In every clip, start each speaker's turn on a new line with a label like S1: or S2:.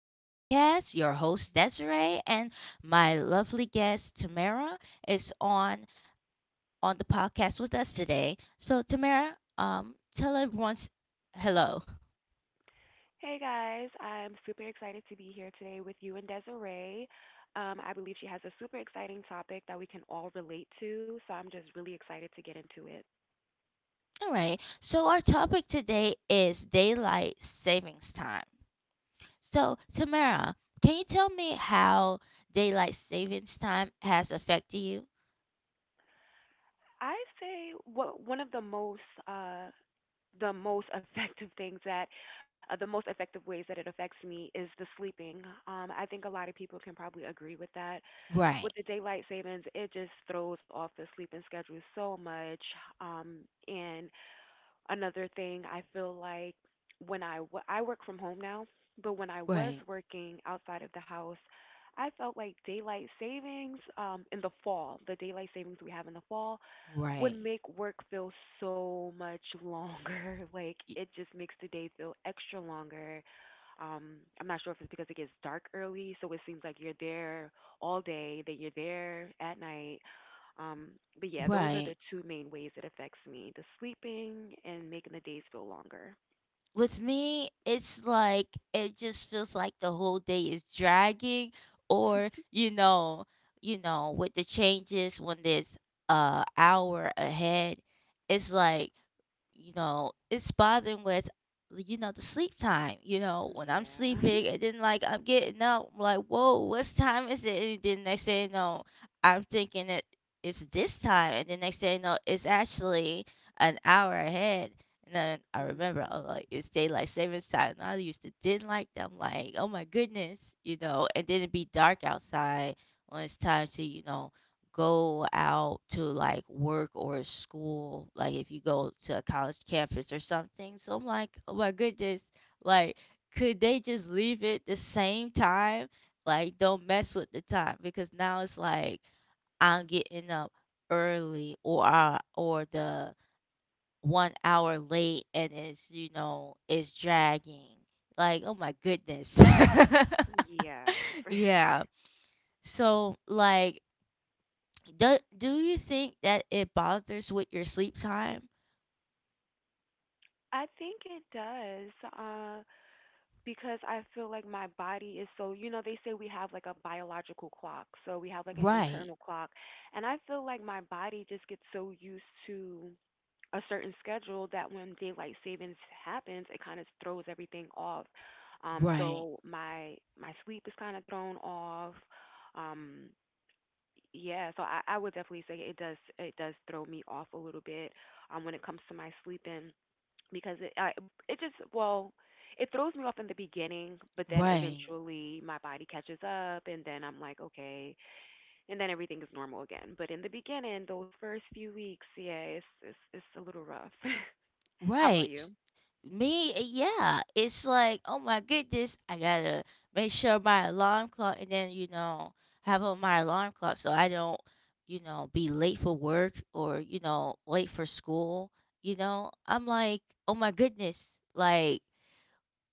S1: Broadcast. Your host, Desiree, and my lovely guest, Tamara, is on the podcast with us today. So, Tamara, tell everyone hello.
S2: Hey guys, I'm super excited to be here today with you and Desiree. I believe she has a super exciting topic that we can all relate to, so I'm just really excited to get into it.
S1: All right. So, our topic today is daylight savings time. So, Tamara, can you tell me how daylight savings time has affected you?
S2: I say what one of uh, the most effective things that the most effective ways that it affects me is the sleeping. I think a lot of people can probably agree with that. With
S1: Right,
S2: the daylight savings, it just throws off the sleeping schedule so much. Um, and Another thing, I feel like I work from home now, but when I was
S1: right,
S2: working outside of the house, I felt like daylight savings in the fall, the daylight savings we have in the fall would
S1: right,
S2: make work feel so much longer. Like
S1: y-
S2: it just makes the day feel extra longer. I'm not sure if it's because it gets dark early, so it seems like you're there all day, that you're there at night. Um, but yeah, those are
S1: right.
S2: the two main ways it affects me: the sleeping and making the days feel longer.
S1: With me, it's like it just feels like the whole day is dragging, or you know, with the changes when there's a hour ahead, it's like, you know, it's bothering with, you know, the sleep time. You know, when I'm
S2: Yeah.
S1: sleeping and then like I'm getting up, I'm like, whoa, what time is it? And then next thing you know, I'm thinking it's this time, and then next thing you know, it's actually an hour ahead. And then I remember, oh,
S2: Mhm.
S1: like it's daylight savings time. And I used to didn't like them, like, oh my goodness, you know. And then it'd be dark outside when it's time to, you know, go out to like work or school, like if you go to a college campus or something. So I'm like, oh my goodness, like could they just leave it the same time? Like don't mess with the time because now it's like I'm getting up early or the one hour late, and it's, you know, it's dragging. Like, oh my goodness,
S2: Yes.
S1: yeah. So like, do you think that it bothers with your sleep time?
S2: I think it does, because I feel like my body is so, you know, they say we have like a biological clock. So we have like an
S1: Right,
S2: internal clock. And I feel like my body just gets so used to a certain schedule that when daylight savings happens, it kind of throws everything off. Um,
S1: right,
S2: so my my sleep is kind of thrown off. Um, yeah, so I would definitely say it does throw me off a little bit when it comes to my sleeping because it I, it just well it throws me off in the beginning, but then
S1: right,
S2: eventually my body catches up, and then I'm like okay, and then everything is normal again. But in the beginning, those first few weeks, yeah, it's a little rough. How about you?
S1: right. Me, yeah. It's like, oh my goodness, I gotta make sure my alarm clock, and then, you know, have on my alarm clock so I don't, you know, be late for work or, you know, late for school. You know, I'm like, oh my goodness, like,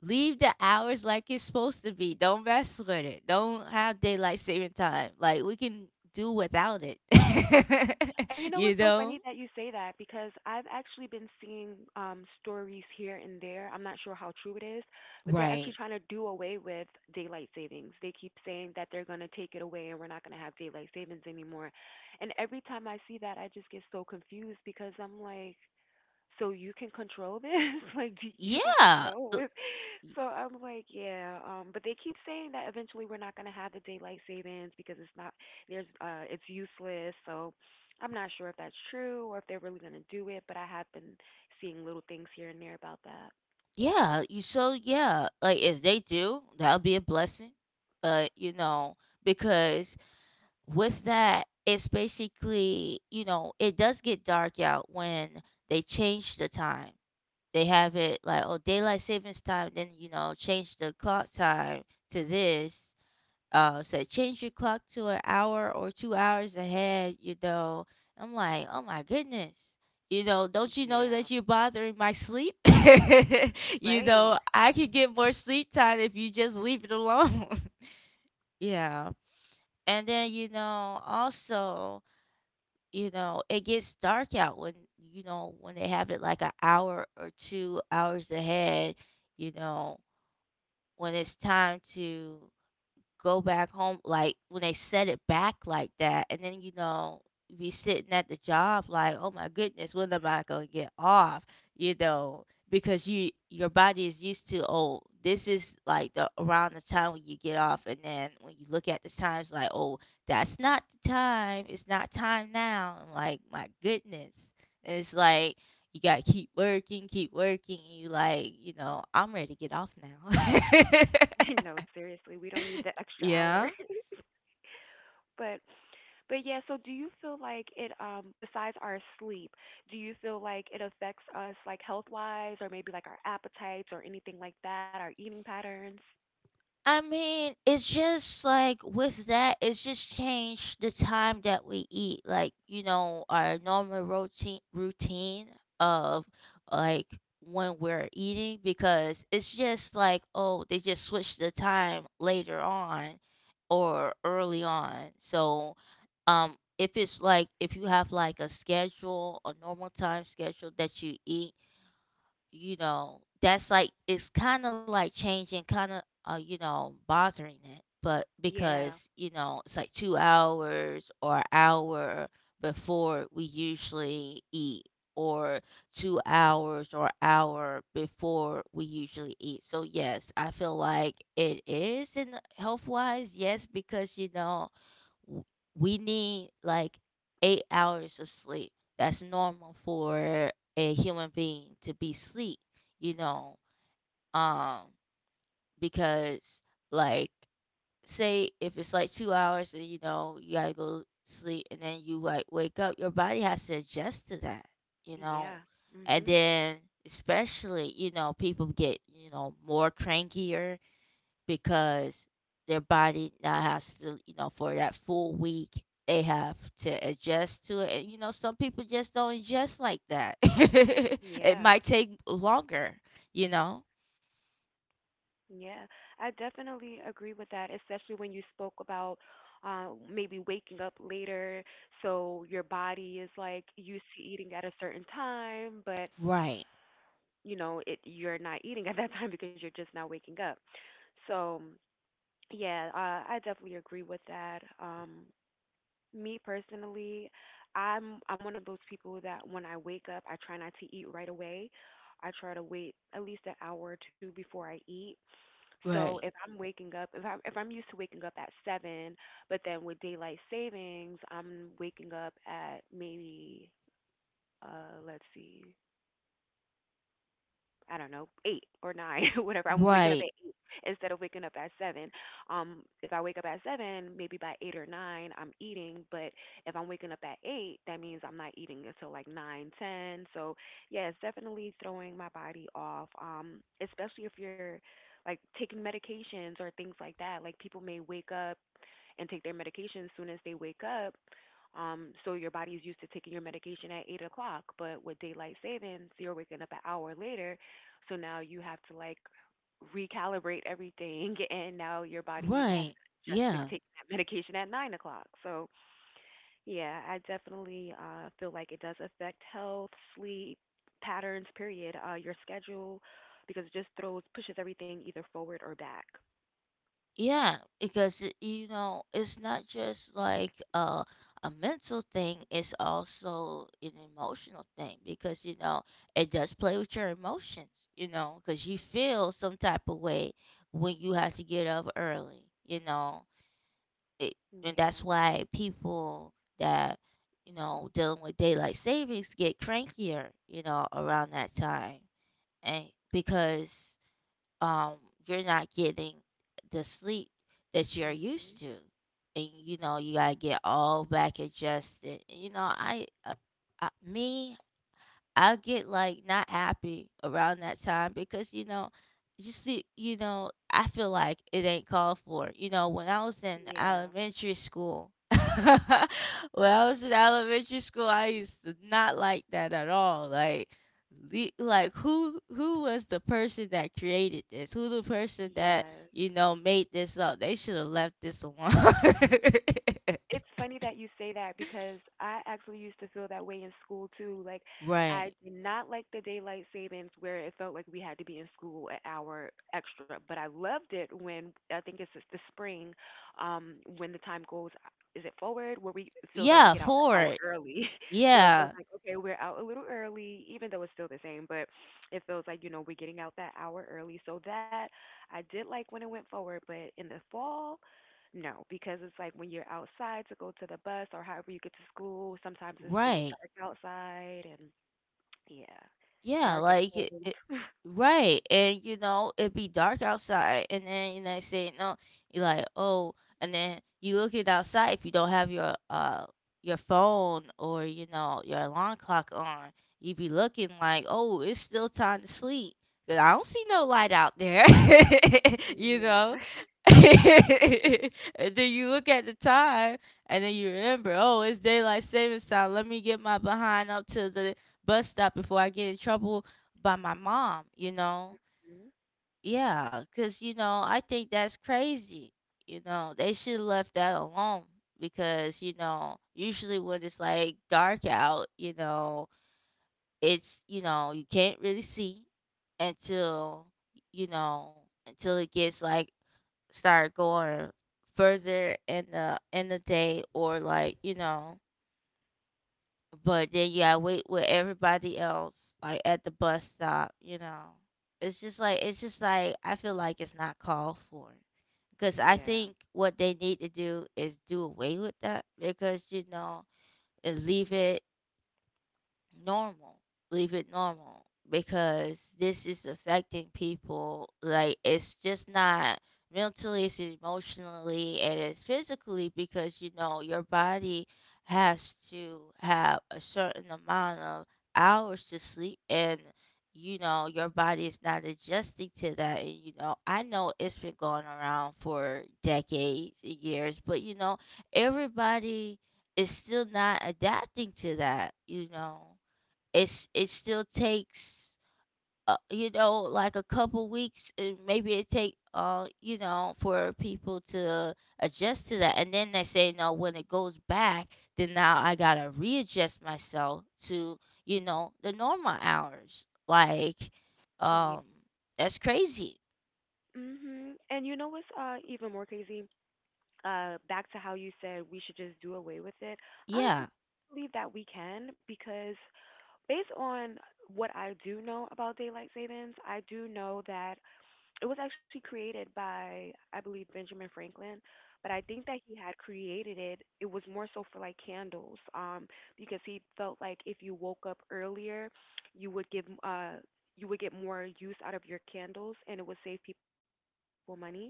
S1: leave the hours like it's supposed to be. Don't mess with it. Don't have daylight saving time. Like we can do without it.
S2: And you know
S1: You
S2: what's so
S1: know?
S2: funny that you say that because I've actually been seeing stories here and there. I'm not sure how true it is, but they're actually
S1: Right.
S2: trying to do away with daylight savings. They keep saying that they're going to take it away and we're not going to have daylight savings anymore. And every time I see that, I just get so confused because I'm like, so you can control this like do you can
S1: Yeah.
S2: control it
S1: y-
S2: so I'm like yeah but they keep saying that eventually we're not going to have the daylight savings because it's useless so I'm not sure if that's true or if they're really going to do it but I have been seeing little things here and there about that.
S1: Yeah. You So yeah. Like if they do, that'll be a blessing. But you know, because with that, it's basically, you know, it does get dark out when they change the time. They have it like, "Oh, daylight savings time," then, you know, change the clock time to this. Say, "Change your clock to an hour or 2 hours ahead," you know? I'm like, "Oh my goodness." You know, "Don't you know
S2: Yeah,
S1: that you're bothering my sleep?" You
S2: right.
S1: know, "I could get more sleep time if you just leave it alone." Yeah. And then, you know, also, you know, it gets dark out when, you know, when they have it like an hour or 2 hours ahead, you know, when it's time to go back home, like when they set it back like that, and then, you know, you be sitting at the job like, oh my goodness, when am I going to get off, you know, because your body is used to, oh, this is like the around the time when you get off, and then when you look at the times like, oh, that's not the time, it's not time. Now I'm like, my goodness. And it's like, you gotta keep working, keep working. You like, you know, I'm ready to get off now.
S2: No, seriously, we don't need the extra
S1: Yeah.
S2: hour. But but yeah, so do you feel like it besides our sleep, do you feel like it affects us like health-wise or maybe like our appetites or anything like that, our eating patterns?
S1: I mean, it's just like with that, it's just changed the time that we eat. Like, you know, our normal routine of like when we're eating because it's just like, oh, they just switched the time later on or early on. So, if it's like if you have like a schedule, a normal time schedule that you eat, you know, that's like it's kind of like changing, kind of, you know, bothering it, but
S2: Yeah.
S1: because you know it's like 2 hours or hour before we usually eat, or 2 hours or hour before we usually eat. So yes, I feel like it is in health wise, yes, because you know w- we need like 8 hours of sleep. That's normal for a human being to be sleep, you know. Um, because like say if it's like 2 hours and you know you gotta go sleep and then you like wake up, your body has to adjust to that, you know.
S2: Yeah.
S1: And
S2: Mhm.
S1: then especially, you know, people get, you know, more crankier because their body now has to, you know, for that full week, they have to adjust to it. And, you know, some people just don't adjust like that. It
S2: Yeah.
S1: might take longer, you know?
S2: Yeah, I definitely agree with that, especially when you spoke about maybe waking up later, so your body is like used to eating at a certain time, but
S1: Right.
S2: you know, it you're not eating at that time because you're just now waking up. So yeah, I definitely agree with that. Me personally, I'm one of those people that when I wake up, I try not to eat right away. I try to wait at least an hour or two before I eat. So
S1: Right.
S2: if I'm waking up, if I'm used to waking up at seven, but then with daylight savings, I'm waking up at maybe let's see, I don't know, eight or nine, whatever. I'm waking up at
S1: Right.
S2: eight instead of waking up at seven. If I wake up at seven, maybe by eight or nine, I'm eating. But if I'm waking up at eight, that means I'm not eating until like nine, ten. So yeah, it's definitely throwing my body off. Especially if you're like taking medications or things like that. Like people may wake up and take their medication as soon as they wake up. So your body is used to taking your medication at 8 o'clock, but with daylight savings, you're waking up an hour later. So now you have to like recalibrate everything, and now your body has
S1: Right.
S2: to adjust to
S1: Yeah.
S2: taking that medication at 9 o'clock. So yeah, I definitely feel like it does affect health, sleep patterns, period, your schedule, because it just throws pushes everything either forward or back.
S1: Yeah, because it- you know, it's not just like, a mental thing, it's also an emotional thing because you know, it does play with your emotions, you know, because you feel some type of way when you have to get up early, you know. It, and that's
S2: Yeah.
S1: why people that, you know, dealing with daylight savings get crankier, you know, around that time. And because um you're not getting the sleep that you're
S2: Mhm.
S1: used to. And you know you gotta get all back adjusted. You know, I me I get like not happy around that time because you know, you see, you know, I feel like it ain't called for. You know, when I was in
S2: Yeah.
S1: elementary school, when I was in elementary school, I used to not like that at all. Like, like who was the person that created this? Who the person that
S2: Yes,
S1: you know made this up? They should have left this alone.
S2: it's funny that you say that because I actually used to feel that way in school too. Like, I
S1: Right.
S2: did not like the daylight savings where it felt like we had to be in school an hour extra, but I loved it when I think it's just the spring, when the time goes, is it forward where we it feels like we
S1: Yeah.
S2: get out
S1: For
S2: an hour
S1: it.
S2: early. So it feels
S1: Yeah.
S2: like okay, we're out a little early, even though it's still the same, but it feels like you know we're getting out that hour early. So that I did like when it went forward, but in the fall. No, because it's like when you're outside to go to the bus or however you get to school, sometimes it's still
S1: Right.
S2: dark outside and yeah,
S1: Yeah,
S2: dark and
S1: like it,
S2: cold.
S1: it right. And you know, it'd be dark outside, and then you know say no, you're like, oh, and then you look it outside if you don't have your phone or, you know, your alarm clock on, you'd be looking like, oh, it's still time to sleep. Cause I don't see no light out there. You
S2: Yeah.
S1: know. And then you look at the time and then you remember, oh, it's daylight savings time. Let me get my behind up to the bus stop before I get in trouble by my mom, you know?
S2: Mhm.
S1: Yeah, because, you know, I think that's crazy. You know, they should have left that alone because, you know, usually when it's like dark out, you know, it's, you know, you can't really see until, you know, until it gets like start going further in the day, or like, you know, but then you gotta wait with everybody else, like at the bus stop, you know. It's just like I feel like it's not called for. Because I
S2: Yeah.
S1: think what they need to do is do away with that because you know, and leave it normal. Leave it normal because this is affecting people. Like it's just not mentally, it's emotionally, and it's physically because you know your body has to have a certain amount of hours to sleep, and you know your body is not adjusting to that. And you know I know it's been going around for decades and years, but you know everybody is still not adapting to that. You know, it's it still takes you know, like a couple weeks, and maybe it take, you know, for people to adjust to that, and then they say no when it goes back. Then now I gotta readjust myself to, you know, the normal hours, like,
S2: Yeah.
S1: um that's crazy.
S2: Mhm. And you know what's even more crazy? Uh, back to how you said we should just do away with it.
S1: Yeah.
S2: Honestly, I believe that we can because based on what I do know about daylight savings, I do know that it was actually created by, I believe, Benjamin Franklin, but I think that he had created it. It was more so for like candles, because he felt like if you woke up earlier, you would give uh you would get more use out of your candles, and it would save people money.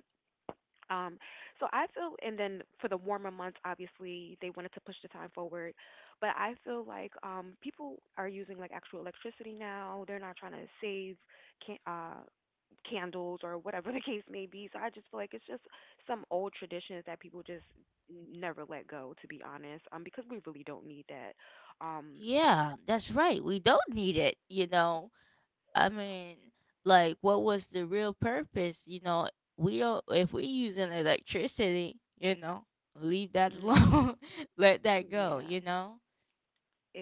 S2: Um, so I feel, and then for the warmer months, obviously they wanted to push the time forward, but I feel like people are using like actual electricity now. They're not trying to save can uh candles or whatever the case may be. So I just feel like it's just some old traditions that people just never let go, to be honest, because we really don't need that. Um,
S1: Yeah, that's right, we don't need it, you know. I mean, like, what was the real purpose? You know, we don't, if we're using electricity, you know, leave that
S2: mhm.
S1: alone, let that go,
S2: Yeah,
S1: you know?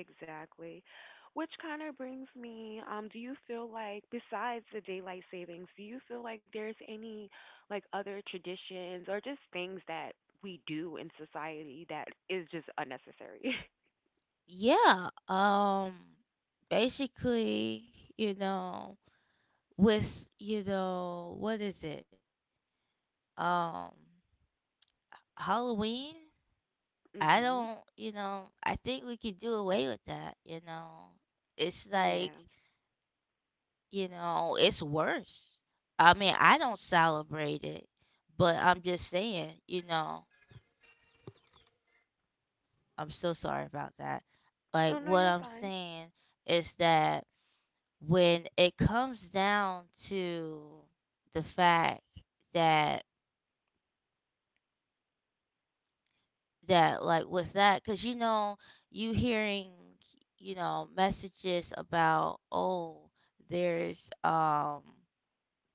S2: exactly. Which kind of brings me, do you feel like besides the daylight savings, do you feel like there's any like other traditions or just things that we do in society that is just unnecessary?
S1: Yeah. Basically, you know, with, you know, what is it? Um, Halloween? I
S2: Mhm.
S1: don't, you know, I think we could do away with that, you know? It's like,
S2: Yeah.
S1: you know, it's worse. I mean, I don't celebrate it, but I'm just saying, you know, I'm so sorry about that. Like,
S2: Oh no,
S1: what
S2: you're
S1: I'm
S2: fine.
S1: saying is that when it comes down to the fact that, that like with that, because you know, you hearing, you know, messages about, oh, there's,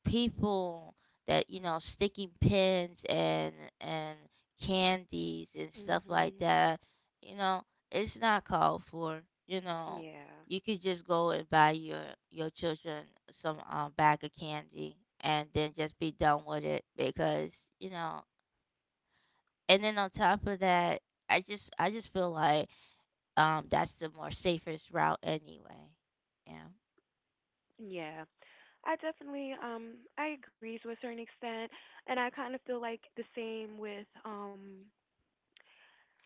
S1: people that you know sticking pins and candies and stuff like
S2: Mhm.
S1: that, you know, it's not called for, you know,
S2: Yeah.
S1: you could just go and buy your children some, bag of candy and then just be done with it because you know. And then on top of that, I just feel like that's the more safest route anyway. Yeah.
S2: Yeah, I definitely I agree to a certain extent and I kind of feel like the same with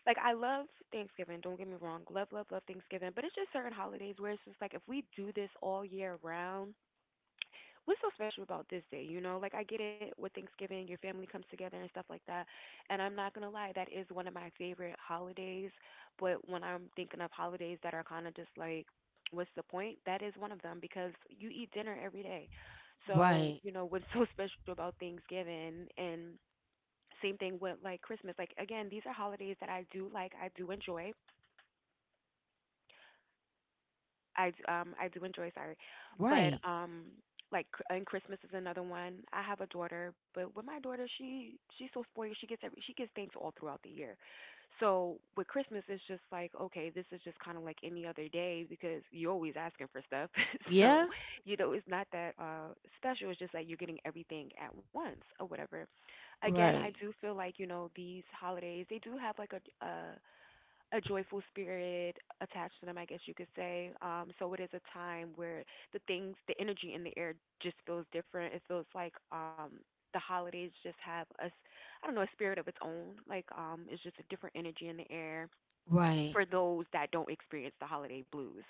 S2: like I love Thanksgiving, don't get me wrong. Love, love, love Thanksgiving, but it's just certain holidays where it's just like if we do this all year round, what's so special about this day? You know, like I get it with Thanksgiving, your family comes together and stuff like that. And I'm not gonna lie, that is one of my favorite holidays. But when I'm thinking of holidays that are kind of just like, what's the point? That is one of them because you eat dinner every day. So
S1: Right.
S2: you know what's so special about Thanksgiving and same thing with like Christmas. Like again, these are holidays that I do like, I do enjoy. I do enjoy, sorry, but
S1: Right.
S2: like cr- and Christmas is another one. I have a daughter, but with my daughter, she's so spoiled. She gets things all throughout the year. So with Christmas, it's just like okay, this is just kind of like any other day because you're always asking for stuff. So
S1: Yeah.
S2: you know it's not that special. It's just like you're getting everything at once or whatever. Again, I
S1: Right,
S2: do feel like you know these holidays they do have like a joyful spirit attached to them, I guess you could say. So it is a time where the energy in the air just feels different. It feels like the holidays just have I don't know, a spirit of its own. Like it's just a different energy in the air
S1: right.
S2: for those that don't experience the holiday blues.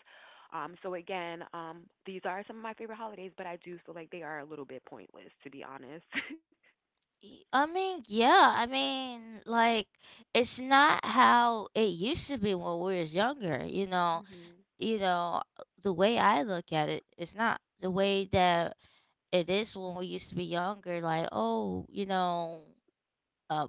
S2: So again, these are some of my favorite holidays, but I do feel like they are a little bit pointless, to be honest.
S1: I mean, yeah. I mean, like it's not how it used to be when we was younger.
S2: Mhm.
S1: You know the way I look at it, it's not the way that it is when we used to be younger. Uh,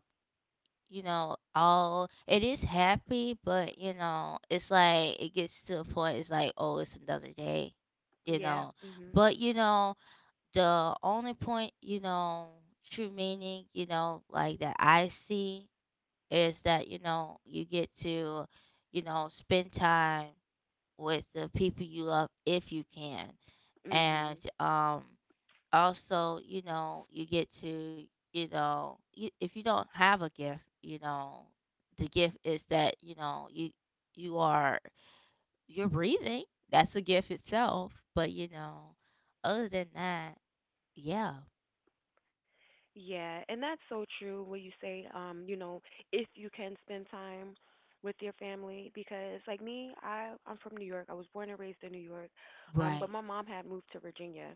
S1: all it is happy, but it's like it gets to a point. It's like, oh, it's another day. You
S2: Yeah.
S1: know,
S2: Mhm.
S1: but the only point, true meaning, that I see is that, you get to, spend time with the people you love if you can. And
S2: Mhm.
S1: also, you get to, if you don't have a gift, the gift is that, you know, you are you're breathing. That's a gift itself, but other than that, yeah.
S2: Yeah, and that's so true where you say, if you can spend time with your family because like me, I'm from New York. I was born and raised in New York.
S1: Right,
S2: But my mom had moved to Virginia,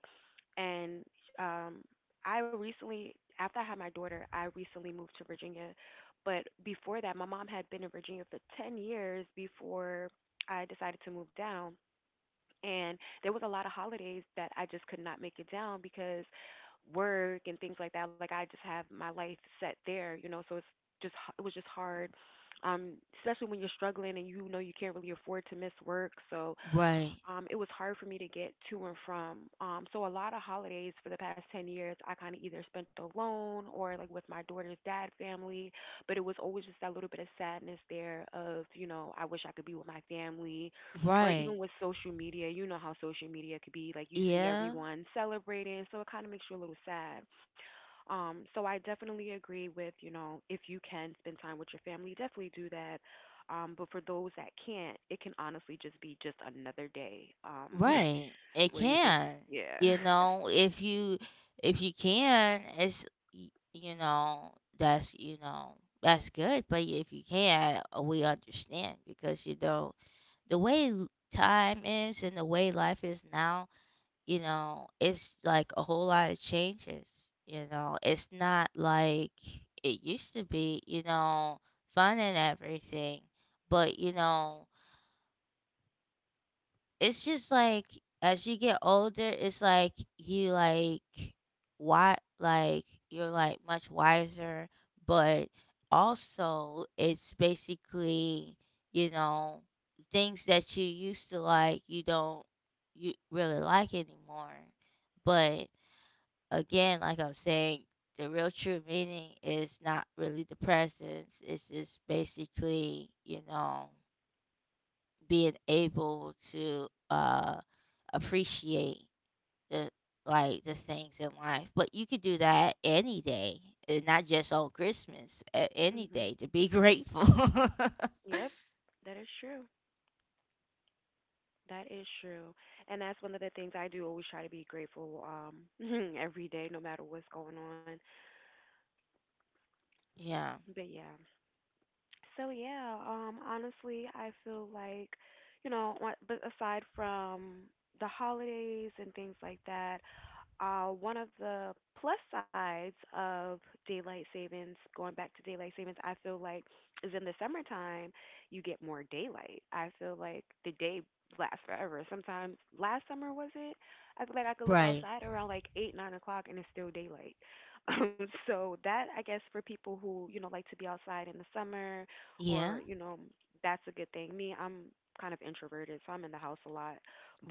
S2: and um I recently, after I had my daughter, I recently moved to Virginia. But before that, my mom had been in Virginia for 10 years before I decided to move down, and there was a lot of holidays that I just could not make it down because work and things like that. Like I just have my life set there, you know, so it was just hard, um especially when you're struggling and you know you can't really afford to miss work. So
S1: right,
S2: it was hard for me to get to and from. So a lot of holidays for the past 10 years, I kind of either spent alone or like with my daughter's dad family, but it was always just that little bit of sadness there of, you know, I wish I could be with my family, or
S1: right.
S2: even with social media. You know how social media could be, like you see
S1: Yeah,
S2: everyone celebrating, so it kind of makes you a little sad. So I definitely agree with, you know, if you can spend time with your family, definitely do that. But for those that can't, it can honestly just be just another day,
S1: right. It
S2: where you just,
S1: can.
S2: yeah.
S1: You know, if you if you can, it's you know that's good. But if you can, we understand because the way time is and the way life is now. It's like a whole lot of changes. You know, it's not like it used to be, fun and everything. But, it's just like as you get older, it's like you like why? You're like much wiser, but also it's basically, you know, things that you used to like, you don't you really like anymore. But again, like I'm saying, the real true meaning is not really the presence. It's just basically, being able to appreciate the like the things in life. But you could do that any day, and not just on Christmas. Any
S2: Mhm.
S1: day to be grateful.
S2: Yep. That is true. That is true. And that's one of the things I do, always try to be grateful, every day, no matter what's going on.
S1: Yeah.
S2: But yeah. So yeah, honestly, I feel like, you know, but aside from the holidays and things like that, one of the plus sides of daylight savings, going back to daylight savings, I feel like, is in the summertime, you get more daylight. I feel like the day lasts forever. Sometimes last summer, was it? I feel like I could look
S1: Right.
S2: outside around like 8, 9 o'clock, and it's still daylight. So that, I guess, for people who you know like to be outside in the summer,
S1: Yeah.
S2: or you know, that's a good thing. Me, I'm kind of introverted, so I'm in the house a lot.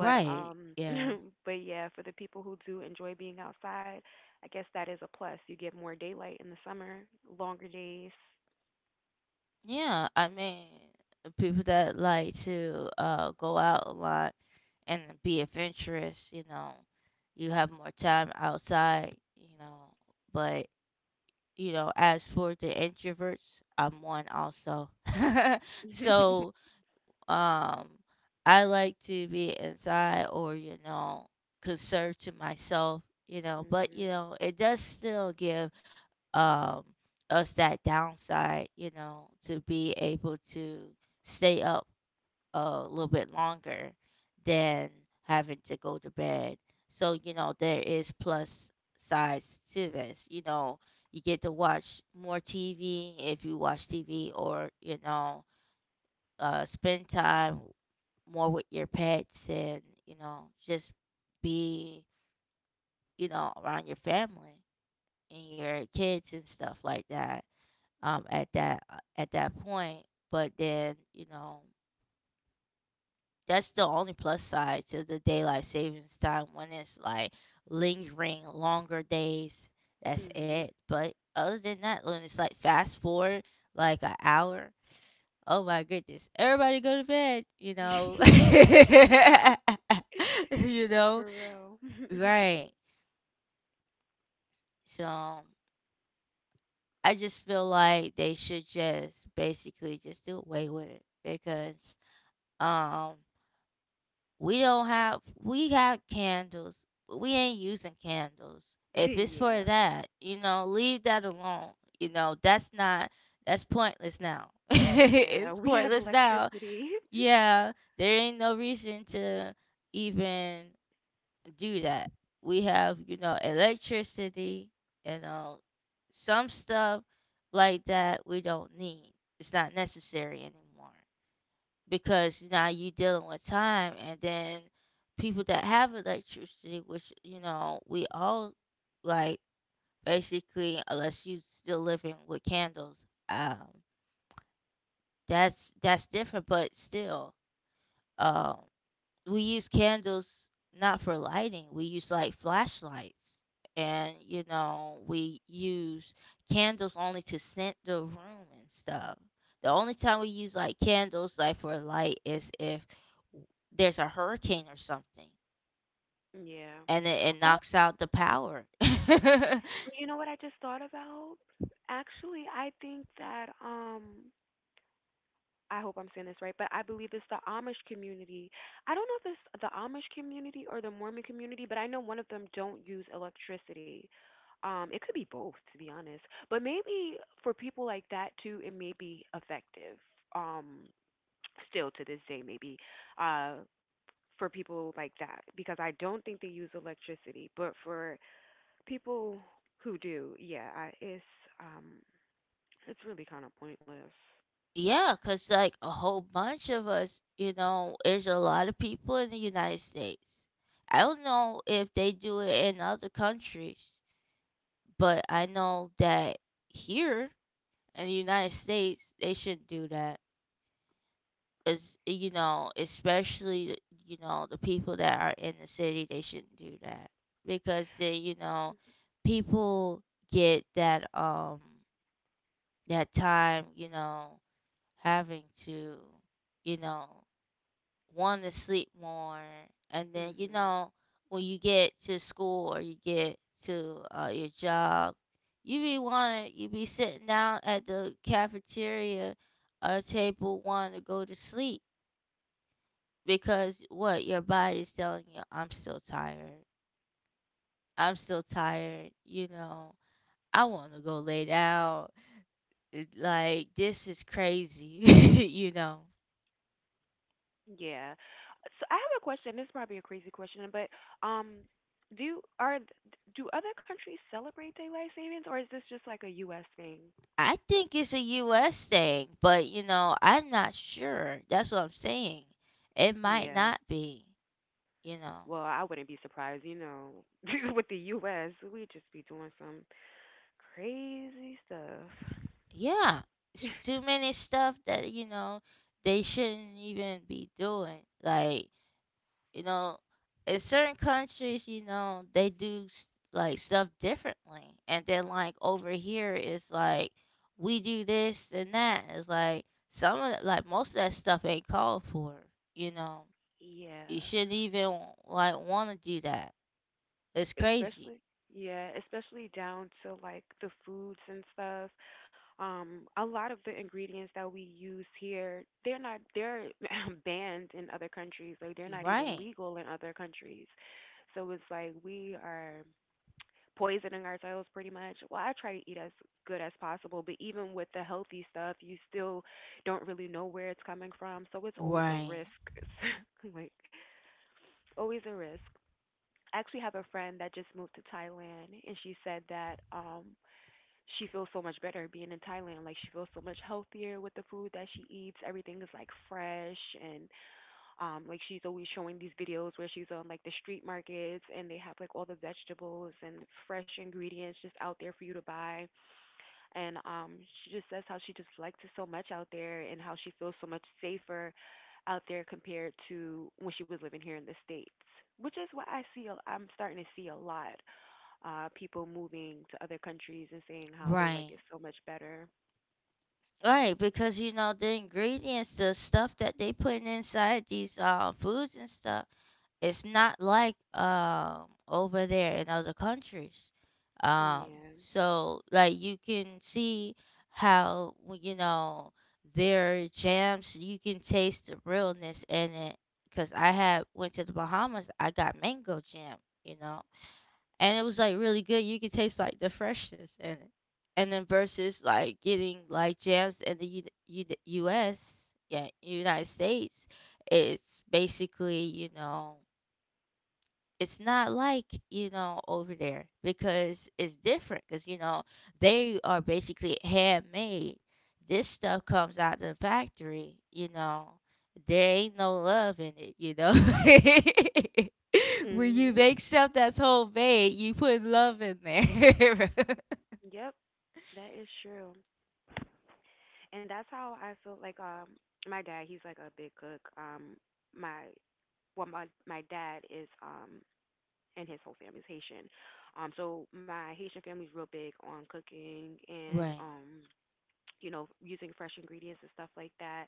S2: But
S1: Yeah.
S2: but yeah, for the people who do enjoy being outside, I guess that is a plus. You get more daylight in the summer, longer days.
S1: Yeah, I mean, people that like to go out a lot and be adventurous, you have more time outside, you know. But, you know, as for the introverts, I'm one also. So, um, I like to be inside or, you know, conserve to myself, you know, but, you
S2: Mhm.
S1: know, it does still give um, us that downside, you know, to be able to stay up a little bit longer than having to go to bed. So, you know, there is plus sides to this. You know, you get to watch more TV if you watch TV or, you know, spend time more with your pets and, you know, just be, you know, around your family and your kids and stuff like that at that point. But then that's the only plus side to the daylight savings time when it's like lingering longer days. That's
S2: Mhm.
S1: it. But other than that, when it's like fast forward like an hour, oh my goodness, everybody go to bed. You know, you
S2: No,
S1: know,
S2: for real.
S1: right? So I just feel like they should just basically just do away with it because um we don't have we got candles, but we ain't using candles. If it's for
S2: Yeah.
S1: that, you know, leave that alone. You know, that's not that's pointless now.
S2: Yeah,
S1: It's
S2: we have
S1: pointless now.
S2: electricity.
S1: Yeah, there ain't no reason to even do that. We have, you know, electricity, you know, some stuff like that we don't need. It's not necessary anymore because now you dealing with time and then people that have electricity which you know we all like basically unless you still living with candles. That's different but still. um we use candles not for lighting. We use like flashlights. And, you know, we use candles only to scent the room and stuff. The only time we use like candles like for light is if w- there's a hurricane or something
S2: Yeah.
S1: and it knocks out the power.
S2: But you know what I just thought about? Actually, I think that I hope I'm saying this right, but I believe it's the Amish community. I don't know if it's the Amish community or the Mormon community, but I know one of them don't use electricity. It could be both, to be honest. But maybe for people like that too, it may be effective. Um, Still to this day, maybe. Uh, for people like that, because I don't think they use electricity. But for people who do, yeah, um, it's really kind of pointless.
S1: Yeah, cuz like a whole bunch of us, you know, there's a lot of people in the United States. I don't know if they do it in other countries, but I know that here in the United States, they shouldn't do that. As you know, especially, you know, the people that are in the city, they shouldn't do that. Because then, you know, people get that, that time, you know, having to, you know, want to sleep more. And then, you
S2: Mhm.
S1: know, when you get to school or you get to your job, you be wanting, you be sitting down at the cafeteria table wanting to go to sleep because what your body's telling you, I'm still tired. I'm still tired. You know, I want to go lay down. Like, this is crazy, you know.
S2: Yeah. So I have a question. This is probably a crazy question, but um, do are do other countries celebrate daylight savings, or is this just like a U.S. thing?
S1: I think it's a US thing, but you know, I'm not sure. That's what I'm saying. It might
S2: Yeah.
S1: not be, you know.
S2: Well, I wouldn't be surprised. You know, with the U.S., we just be doing some crazy stuff.
S1: Yeah. It's too many stuff that, you know, they shouldn't even be doing. Like, you know, in certain countries, you know, they do like stuff differently. And then like over here it's like we do this and that. It's like some of the, like most of that stuff ain't called for, you know.
S2: Yeah,
S1: You shouldn't even like want to do that. It's crazy.
S2: especially, yeah, especially down to like the foods and stuff. A lot of the ingredients that we use here, they're not they're banned in other countries. Like they're
S1: You're
S2: not even
S1: right.
S2: legal in other countries. So it's like we are poisoning ourselves pretty much. Well, I try to eat as good as possible, but even with the healthy stuff, you still don't really know where it's coming from. So it's always a
S1: Right.
S2: risk. Like always a risk. I actually have a friend that just moved to Thailand and she said that she feels so much better being in Thailand. Like she feels so much healthier with the food that she eats. Everything is like fresh, and like she's always showing these videos where she's on like the street markets, and they have like all the vegetables and fresh ingredients just out there for you to buy. And she just says how she just likes it so much out there and how she feels so much safer out there compared to when she was living here in the States. Which is what I see, I'm starting to see a lot, people moving to other countries and saying how they like
S1: Right.
S2: it so much better.
S1: Right, because you know the ingredients, the stuff that they putting inside these foods and stuff, it's not like over there in other countries. Um,
S2: Yeah.
S1: so like you can see how you know their jams, you can taste the realness in it. Cause I had went to the Bahamas, I got mango jam, you know, and it was like really good. You could taste like the freshness in it, and then versus like getting like jams in the U.S., yeah, United States, it's basically you know it's not like you know over there because it's different because you know they are basically handmade. This stuff comes out the factory you know there ain't no love in it you know. When you make
S2: Mhm.
S1: stuff that's homemade you put love in there.
S2: Yep, that is true. And that's how I feel, like, my dad, he's like a big cook. My well my dad is, and his whole family's Haitian. So my Haitian family's real big on cooking, and
S1: Right.
S2: you know, using fresh ingredients and stuff like that.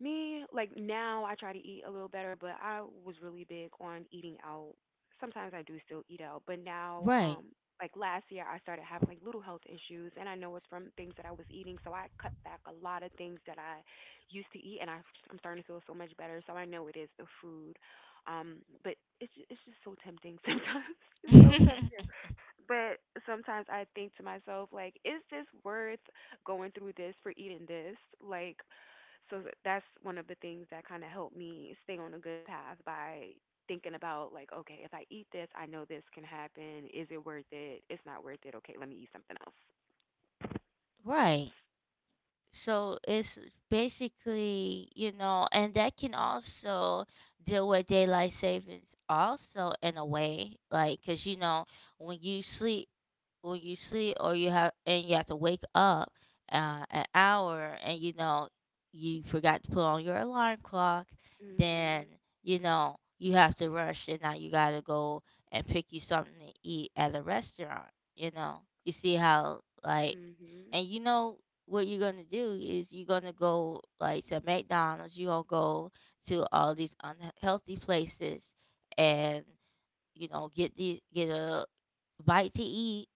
S2: Me, like, now I try to eat a little better, but I was really big on eating out. Sometimes I do still eat out, but now
S1: Right.
S2: like last year I started having like little health issues, and I know it's from things that I was eating, so I cut back a lot of things that I used to eat, and I'm starting to feel so much better. So I know it is the food. Um but it's just so tempting sometimes. It's so tempting. But sometimes I think to myself, like, is this worth going through this for eating this? Like, so that's one of the things that kind of helped me stay on a good path, by thinking about like, okay, if I eat this, I know this can happen. Is it worth it? It's not worth it. Okay, let me eat something else.
S1: Right, so it's basically you know and that can also deal with daylight savings also in a way like because you know when you sleep when you sleep or you have and you have to wake up an hour and you know you forgot to put on your alarm clock then
S2: Mhm.
S1: you know you have to rush and now you gotta go and pick you something to eat at a restaurant you know you see how like.
S2: Mhm.
S1: And you know what you're gonna do is you're gonna go like to McDonald's, you're gonna go to all these unhealthy places and you know get the get a bite to eat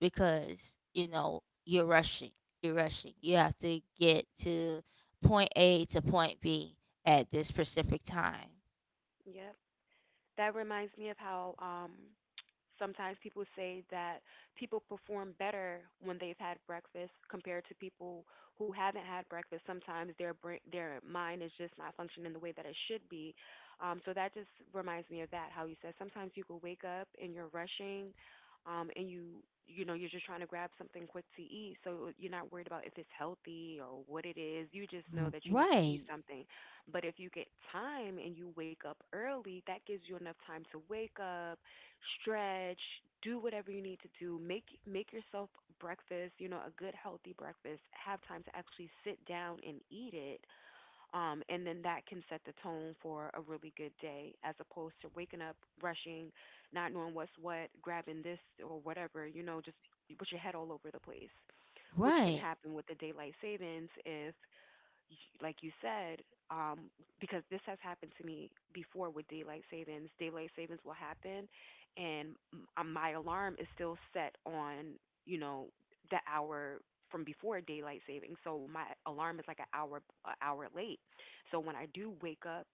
S1: because you know you're rushing. You're rushing. You have to get to point A to point B at this specific time.
S2: Yep. That reminds me of how sometimes people say that people perform better when they've had breakfast compared to people who haven't had breakfast. Sometimes their brain, their mind, is just not functioning the way that it should be. So that just reminds me of that. How you said sometimes you could wake up and you're rushing, and you know you're just trying to grab something quick to eat. So you're not worried about if it's healthy or what it is. You just know that you need to eat
S1: Right,
S2: something. But if you get time and you wake up early, that gives you enough time to wake up, stretch, do whatever you need to do, make yourself breakfast, you know, a good healthy breakfast, have time to actually sit down and eat it. And then that can set the tone for a really good day, as opposed to waking up, rushing, not knowing what's what, grabbing this or whatever, you know, just put your head all over the place, which can
S1: right.
S2: happen with the daylight savings if y- like you said, um, because this has happened to me before with daylight savings. Daylight savings will happen, and my alarm is still set on, you know, the hour from before daylight savings. So my alarm is like an hour late. So when I do wake up,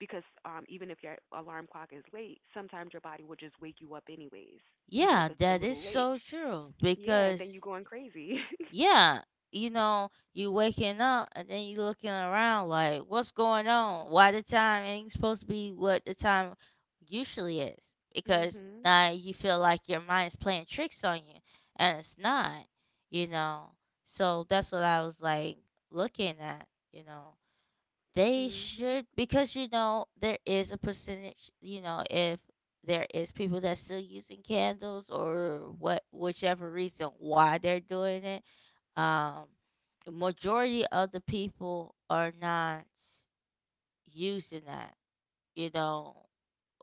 S2: because even if your alarm clock is late, sometimes your body will just wake you up anyways, even if
S1: Yeah,
S2: it's a
S1: that
S2: little
S1: is
S2: late.
S1: so true
S2: Yeah, and then you're
S1: because
S2: going crazy.
S1: yeah, you know, you waking up and then you looking around like, what's going on? Why the time ain't supposed to be what the time usually is? Because
S2: Mhm.
S1: now you feel like your mind's playing tricks on you, and it's not, you know. So that's what I was like looking at, you know. They
S2: Mhm.
S1: should because you know there is a percentage, you know, if there is people that's still using candles or what whichever reason why they're doing it, um, the majority of the people are not using that. You know,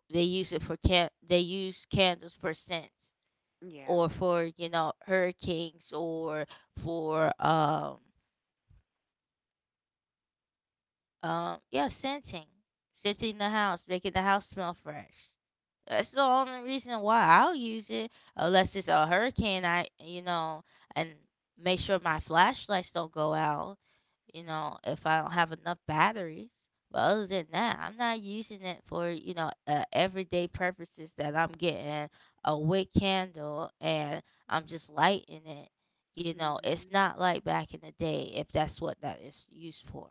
S1: they use it for can they use candles for scents
S2: Yeah.
S1: or for you know hurricanes or for yeah scenting, scenting the house, making the house smell fresh. That's the only reason why I'll use it, unless it's a hurricane. I, you know, and make sure my flashlights don't go out. You know, if I don't have enough batteries. But other than that, I'm not using it for you know everyday purposes. That I'm getting a wick candle and I'm just lighting it. You know, it's
S2: Mhm.
S1: not like back in the day if that's what that is used for.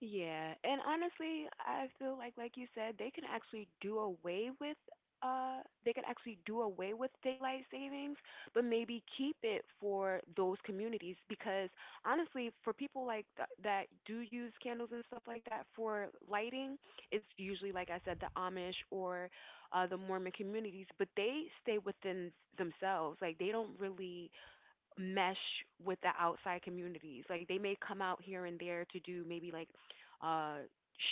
S2: Yeah, and honestly, I feel like you said, they can actually do away with, they can actually do away with daylight savings, but maybe keep it for those communities. Because honestly, for people like that do use candles and stuff like that for lighting, it's usually, like I said, the Amish or the Mormon communities, but they stay within themselves. Like they don't really mesh with the outside communities. Like they may come out here and there to do maybe like uh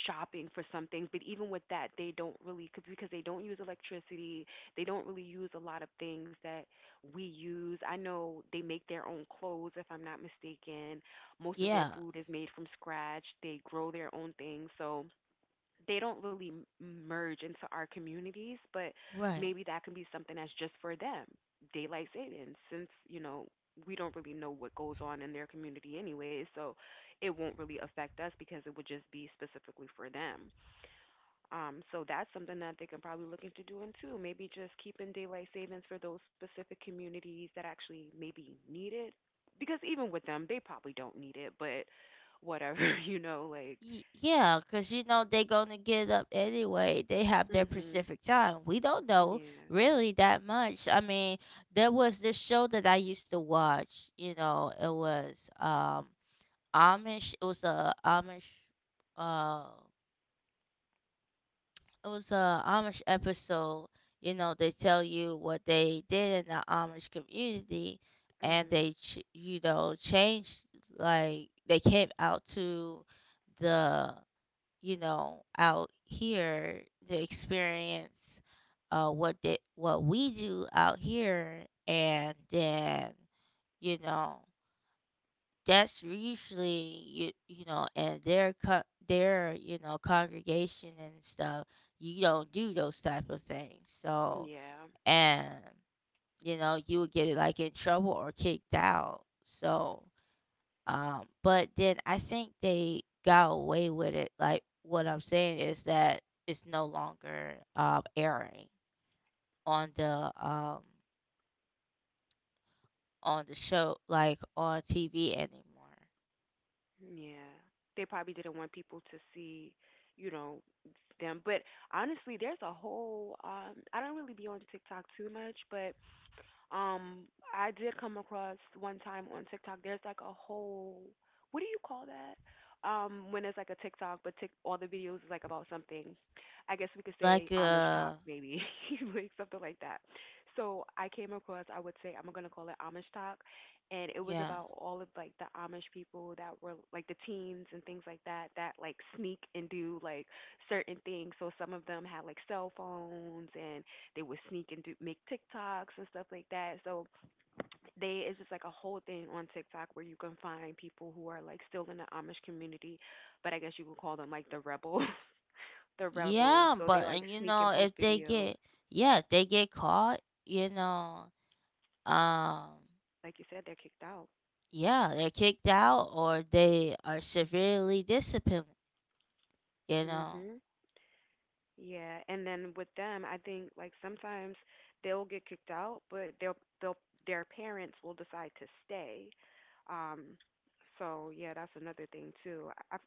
S2: shopping for some things, but even with that, they don't really, because they don't use electricity. They don't really use a lot of things that we use. I know they make their own clothes, if I'm not mistaken. Most of their
S1: Yeah,
S2: food is made from scratch. They grow their own things, so they don't really merge into our communities. But
S1: right.
S2: maybe that can be something that's just for them. Daylight savings, since you know we don't really know what goes on in their community anyway, so it won't really affect us because it would just be specifically for them. So that's something that they can probably look into doing too. Maybe just keeping daylight savings for those specific communities that actually maybe need it. Because even with them, they probably don't need it, but whatever, you know, like,
S1: Yeah, because you know they gonna get up anyway. They have their
S2: mhm,
S1: Pacific time. We don't know
S2: yeah.
S1: really that much. I mean, there was this show that I used to watch. You know, it was Amish. It was a Amish. Uh, it was a Amish episode. You know, they tell you what they did in the Amish community, and
S2: Mhm.
S1: you know changed like they came out to the you know, out here, the experience, what we do out here, and then, you know, that's usually you know, and their you know congregation and stuff, you don't do those type of things. So
S2: Yeah.
S1: and you know, you would get it like in trouble or kicked out. So but then I think they got away with it. Like what I'm saying is that it's no longer airing on the show like on TV anymore.
S2: Yeah. They probably didn't want people to see, you know, them. But honestly, there's a whole I don't really be on TikTok too much, but Um, I did come across one time on TikTok. There's like a whole what do you call that? When it's like a TikTok, but all the videos is like about something. I guess we could say
S1: Like
S2: Amish talk,
S1: uh
S2: maybe like something like that. So I came across, I would say I'm gonna call it Amish talk, and it was
S1: yeah.
S2: about all of like the Amish people that were like the teens and things like that that like sneak and do like certain things. So some of them had like cell phones and they would sneak and do make TikToks and stuff like that. So they it's just like a whole thing on TikTok where you can find people who are like still in the Amish community, but I guess you would call them like the rebels, the rebels.
S1: Yeah,
S2: So they
S1: but
S2: like
S1: and you
S2: sneak and
S1: know
S2: post videos.
S1: if they get caught, you know, um
S2: Like you said, they're kicked out.
S1: yeah, they're kicked out or they are severely disciplined, you know.
S2: Mhm. Yeah, and then with them, I think like sometimes they'll get kicked out, but they'll their parents will decide to stay. Um, so yeah, that's another thing too. I I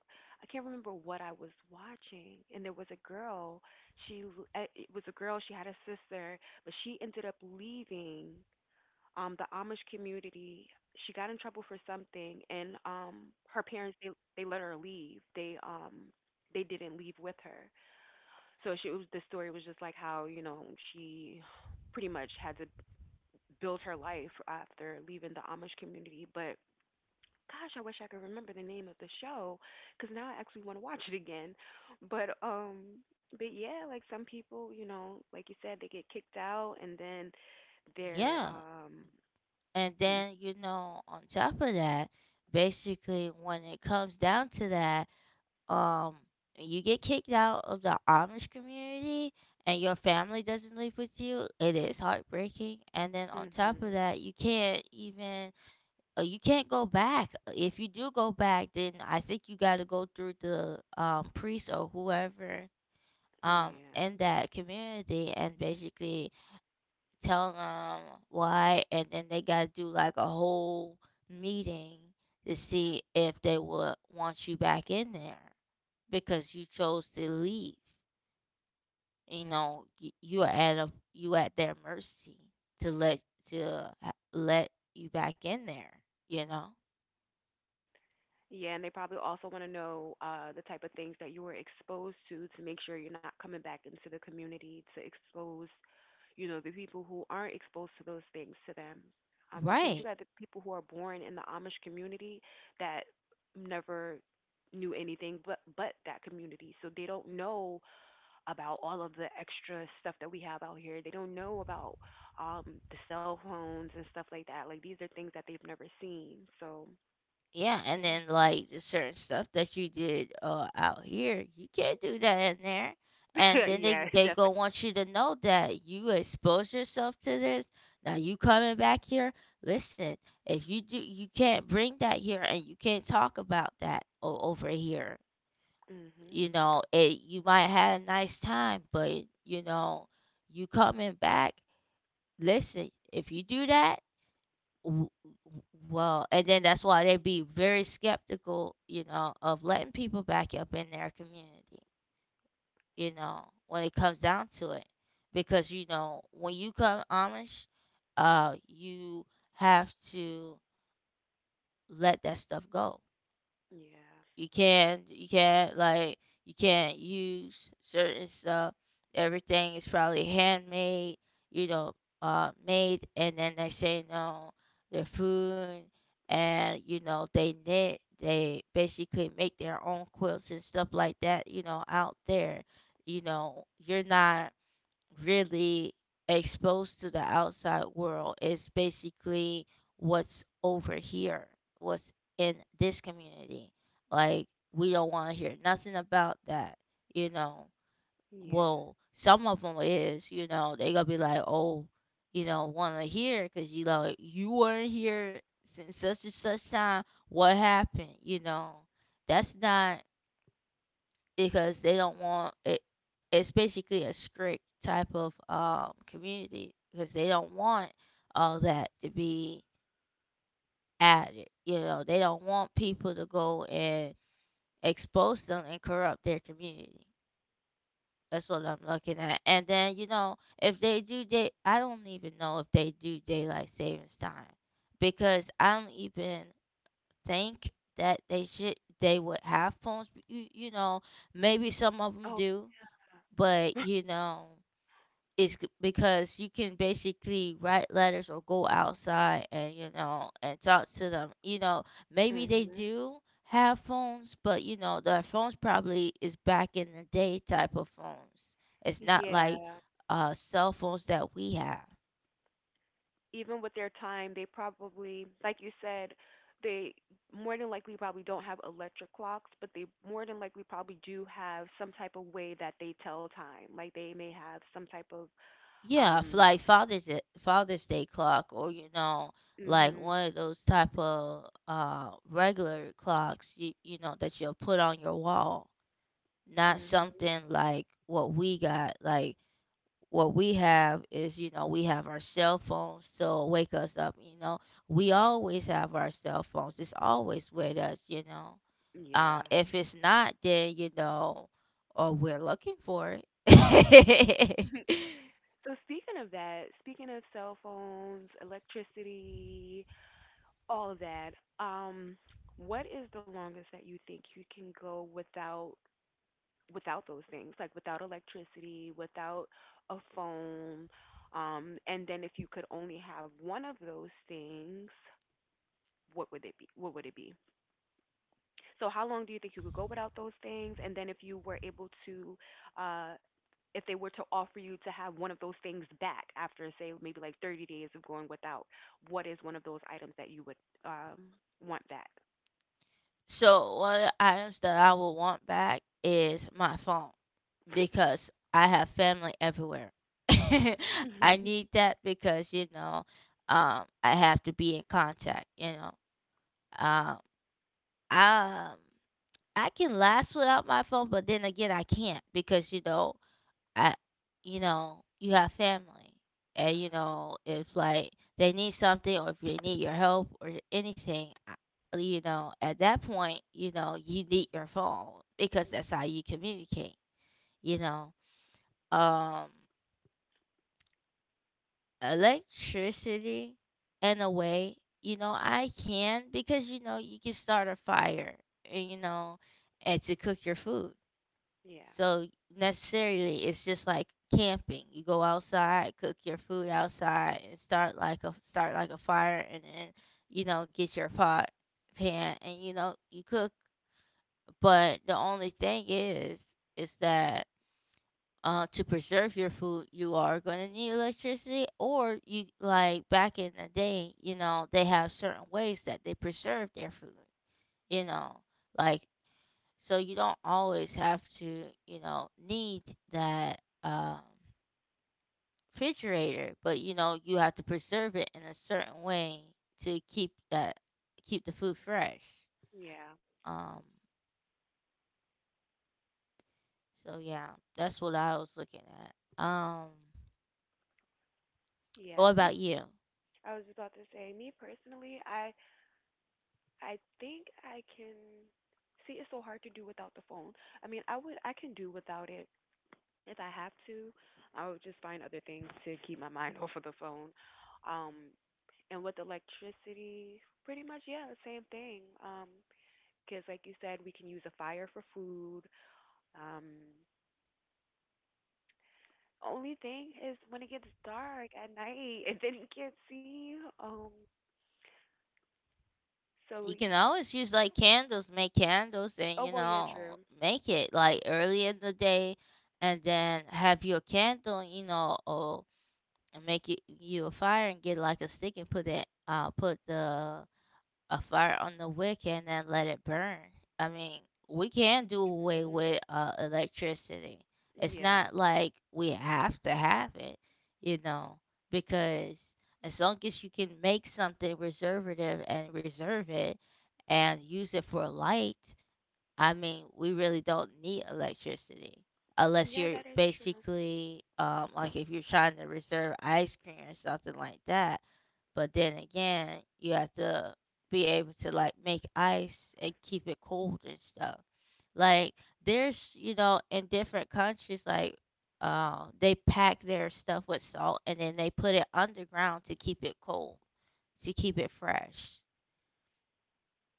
S2: I can't remember what I was watching, and there was a girl. It was a girl. She had a sister, but she ended up leaving the Amish community. She got in trouble for something, and her parents they let her leave. They didn't leave with her, so she was the story was just like how, you know, she pretty much had to build her life after leaving the Amish community, but gosh, I wish I could remember the name of the show because now I actually want to watch it again. But um, but yeah, like some people, you know, like you said, they get kicked out and then they're
S1: Yeah. And then, you know, on top of that, basically when it comes down to that, um, you get kicked out of the Amish community and your family doesn't live with you, it is heartbreaking. And then on top of
S2: mhm,
S1: that, you can't even you can't go back. If you do go back, then I think you got to go through the priest or whoever
S2: yeah.
S1: in that community and basically tell them why, and then they gotta do like a whole meeting to see if they would want you back in there because you chose to leave. You know, you are at a you at their mercy to let let you back in there. You know,
S2: Yeah, and they probably also want to know the type of things that you were exposed to make sure you're not coming back into the community to expose, you know, the people who aren't exposed to those things to them. Because you
S1: right?
S2: got the people who are born in the Amish community that never knew anything but that community, so they don't know about all of the extra stuff that we have out here. They don't know about the cell phones and stuff like that. Like these are things that they've never seen. So
S1: Yeah, and then
S2: yeah.
S1: like the certain stuff that you did out here, you can't do that in there. And then they
S2: Yeah,
S1: they go
S2: definitely.
S1: want you to know that you expose yourself to this. Now you coming back here. Listen, if you do, you can't bring that here, and you can't talk about that over here.
S2: Mhm.
S1: You know, it you might had a nice time, but you know, you coming back. Listen, if you do that w- well and then that's why they be very skeptical you know of letting people back up in their community you know when it comes down to it because you know when you come amish you have to let that stuff go.
S2: Yeah.
S1: You can't you can't use certain stuff. Everything is probably handmade, you know, made and then they say no, their food and you know, they knit, they basically make their own quilts and stuff like that, you know, out there. You know, you're not really exposed to the outside world is basically what's over here, what's in this community. Like, we don't want to hear nothing about that, you know.
S2: Yeah.
S1: Well, some of them is, you know, they going to be like, oh, you know, want to hear because, you know, you weren't here since such and such time. What happened, you know? That's not because they don't want it. It's basically a strict type of community because they don't want all that to be added. You know, they don't want people to go and expose them and corrupt their community. That's what I'm looking at. And then you know, if they do day, I don't even know if they do daylight savings time because I don't even think that they should. They would have phones. You know, maybe some of them
S2: Oh.
S1: do but you know because you can basically write letters or go outside and you know and talk to them you know maybe they
S2: Mhm.
S1: do have phones, but you know their phones probably is back in the day type of phones. It's not like
S2: Yeah.
S1: cell phones that we have.
S2: Even with their time, they probably, like you said, they more than likely probably don't have electric clocks, but they more than likely probably do have some type of way that they tell time. Like they may have some type of
S1: Yeah,
S2: um.
S1: like father's day clock or you know like
S2: Mhm.
S1: one of those type of regular clocks you, you know that you'll put on your wall, not
S2: Mhm.
S1: something like what we got. Like what we have is, you know, we have our cell phones to wake us up. You know, we always have our cell phones. It's always with us. You know,
S2: Yeah.
S1: if it's not, then you know, or we're looking for it.
S2: So speaking of that, speaking of cell phones, electricity, all of that. Um, what is the longest that you think you can go without those things, like without electricity, without a phone? And then if you could only have one of those things, what would it be? So how long do you think you could go without those things? And then if you were able to, uh, if they were to offer you to have one of those things back after, say, maybe like 30 days of going without, what is one of those items that you would um, want back?
S1: So one of the items that I will want back is my phone because I have family everywhere. I need that because you know, I have to be in contact. You know, um, um, I can last without my phone, but then again, I can't because you know, I you know, you have family. And, you
S2: Uh,
S1: know, if like they need something or if you need your help or anything, you know, at that point, you know, you need your phone because that's
S2: mm,
S1: how you communicate, you know. Um, electricity, in a way, you know, I can because, you know, you can start a fire, and, you know, and to cook your food.
S2: yeah,
S1: So necessarily, it's just like camping. You go outside, cook your food outside, and start like a fire, and then you know get your pot pan, and you know you cook. But the only thing is that to preserve your food, you are going to need electricity, or you like back in the day, you know they have certain ways that they preserve their food. You know, like so you don't always have to, you know, need that refrigerator, but you know you have to preserve it in a certain way to keep that keep the food fresh.
S2: yeah,
S1: Um, so yeah, that's what I was looking at.
S2: yeah.
S1: What
S2: Me,
S1: about you?
S2: I was about to say, me personally, I think I can see it's so hard to do without the phone. I mean, I can do without it if I have to. I would just find other things to keep my mind off of the phone. Um, and with electricity, pretty much yeah, the same thing. Because like you said, we can use a fire for food. Um, Only thing is when it gets dark at night and then you can't see. Um. So.
S1: You
S2: y-
S1: can always use like candles, make candles, and
S2: Oh
S1: you
S2: well, yeah, true.
S1: know make it like early in the day, and then have your candle, you know, and make it you a fire and get like a stick and put it put the a fire on the wick and then let it burn. I mean, we can do away
S2: Mhm.
S1: with electricity. It's
S2: Yeah.
S1: not like we have to have it, you know, because as long as you can make something reservative and reserve it and use it for light. I mean, we really don't need electricity unless
S2: Yeah,
S1: you're
S2: that is true.
S1: basically like if you're trying to reserve ice cream or something like that. But then again, you have to be able to like make ice and keep it cold and stuff. Like there's, you know, in different countries like they pack their stuff with salt and then they put it underground to keep it cold, to keep it fresh.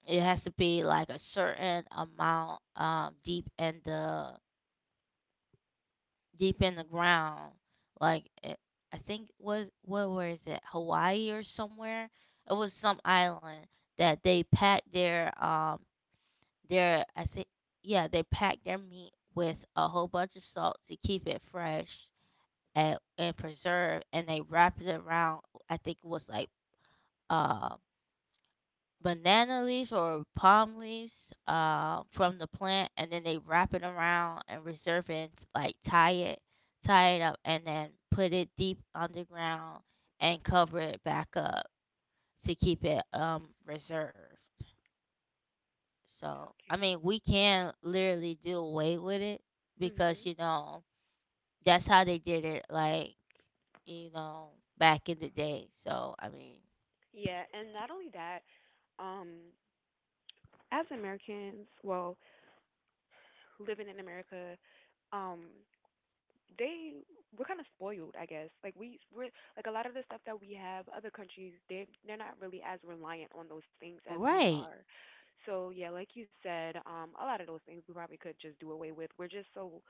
S1: It has to be like a certain amount deep in the ground. Like it, I think was what where is it? Hawaii or somewhere? It was some island that they packed their I think yeah, they packed their meat with a whole bunch of salt to keep it fresh and preserved and they wrapped it around I think it was like um banana leaves or palm leaves from the plant, and then they wrap it around and reserve it, and, like tie it, tie it up, and then put it deep underground and cover it back up to keep it reserved. So I
S2: Okay.
S1: mean, we can literally do away with it because
S2: Mhm.
S1: you know that's how they did it, like you know back in the day. So I mean,
S2: Yeah, and not only that, um, as Americans, well, living in America, um, they we're kind of spoiled, I guess. Like we we're like a lot of the stuff that we have, other countries they're not really as reliant on those things as we
S1: right?
S2: are. So yeah, like you said, a lot of those things we probably could just do away with. We're just so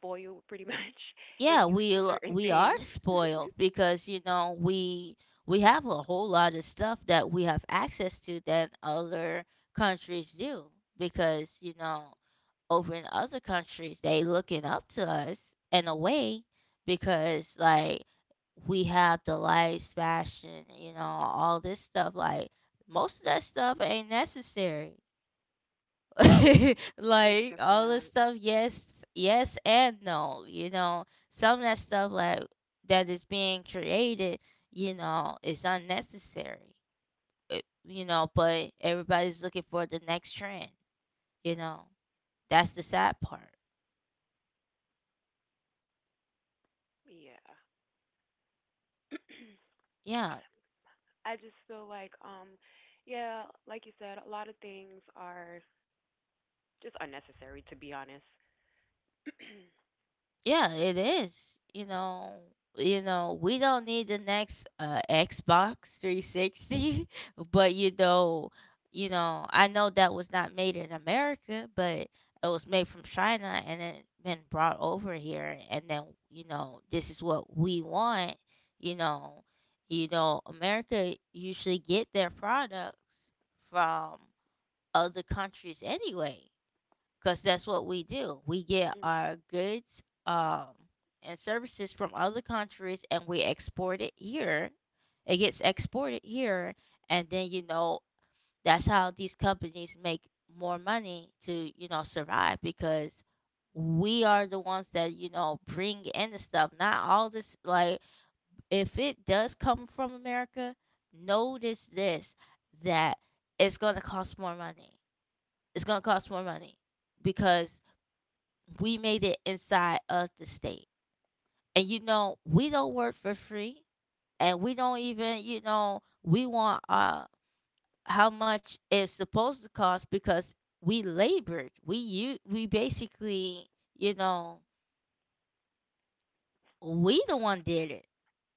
S2: spoiled, pretty much,
S1: Yeah,
S2: and used to certain
S1: we are
S2: things.
S1: spoiled because you know we have a whole lot of stuff that we have access to that other countries do because you know over in other countries they looking up to us in a way because like we have the lights fashion you know all this stuff like most of that stuff ain't necessary.
S2: Is
S1: Like
S2: definitely
S1: all the
S2: not.
S1: stuff yes, yes and no you know some of that stuff like that is being created you know is unnecessary it, you know but everybody's looking for the next trend, you know, that's the sad part.
S2: Yeah,
S1: Yeah,
S2: I just feel like yeah, like you said, a lot of things are just unnecessary, to be honest.
S1: yeah, it is. You know, you know, we don't need the next Xbox 360, but you know, I know that was not made in America, but it was made from China and it been brought over here and then, you know, this is what we want, you know. You know, America usually get their products from other countries anyway because that's what we do. We get our goods and services from other countries and we export it here. It gets exported here. And then, you know, that's how these companies make more money to, you know, survive because we are the ones that, you know, bring in the stuff. Not all this, like, if it does come from America, notice this that it's going to cost more money. It's going to cost more money because we made it inside of the state. And you know, we don't work for free and we don't even, you know, we want how much it's supposed to cost because we labored. We basically, you know, we the one did it.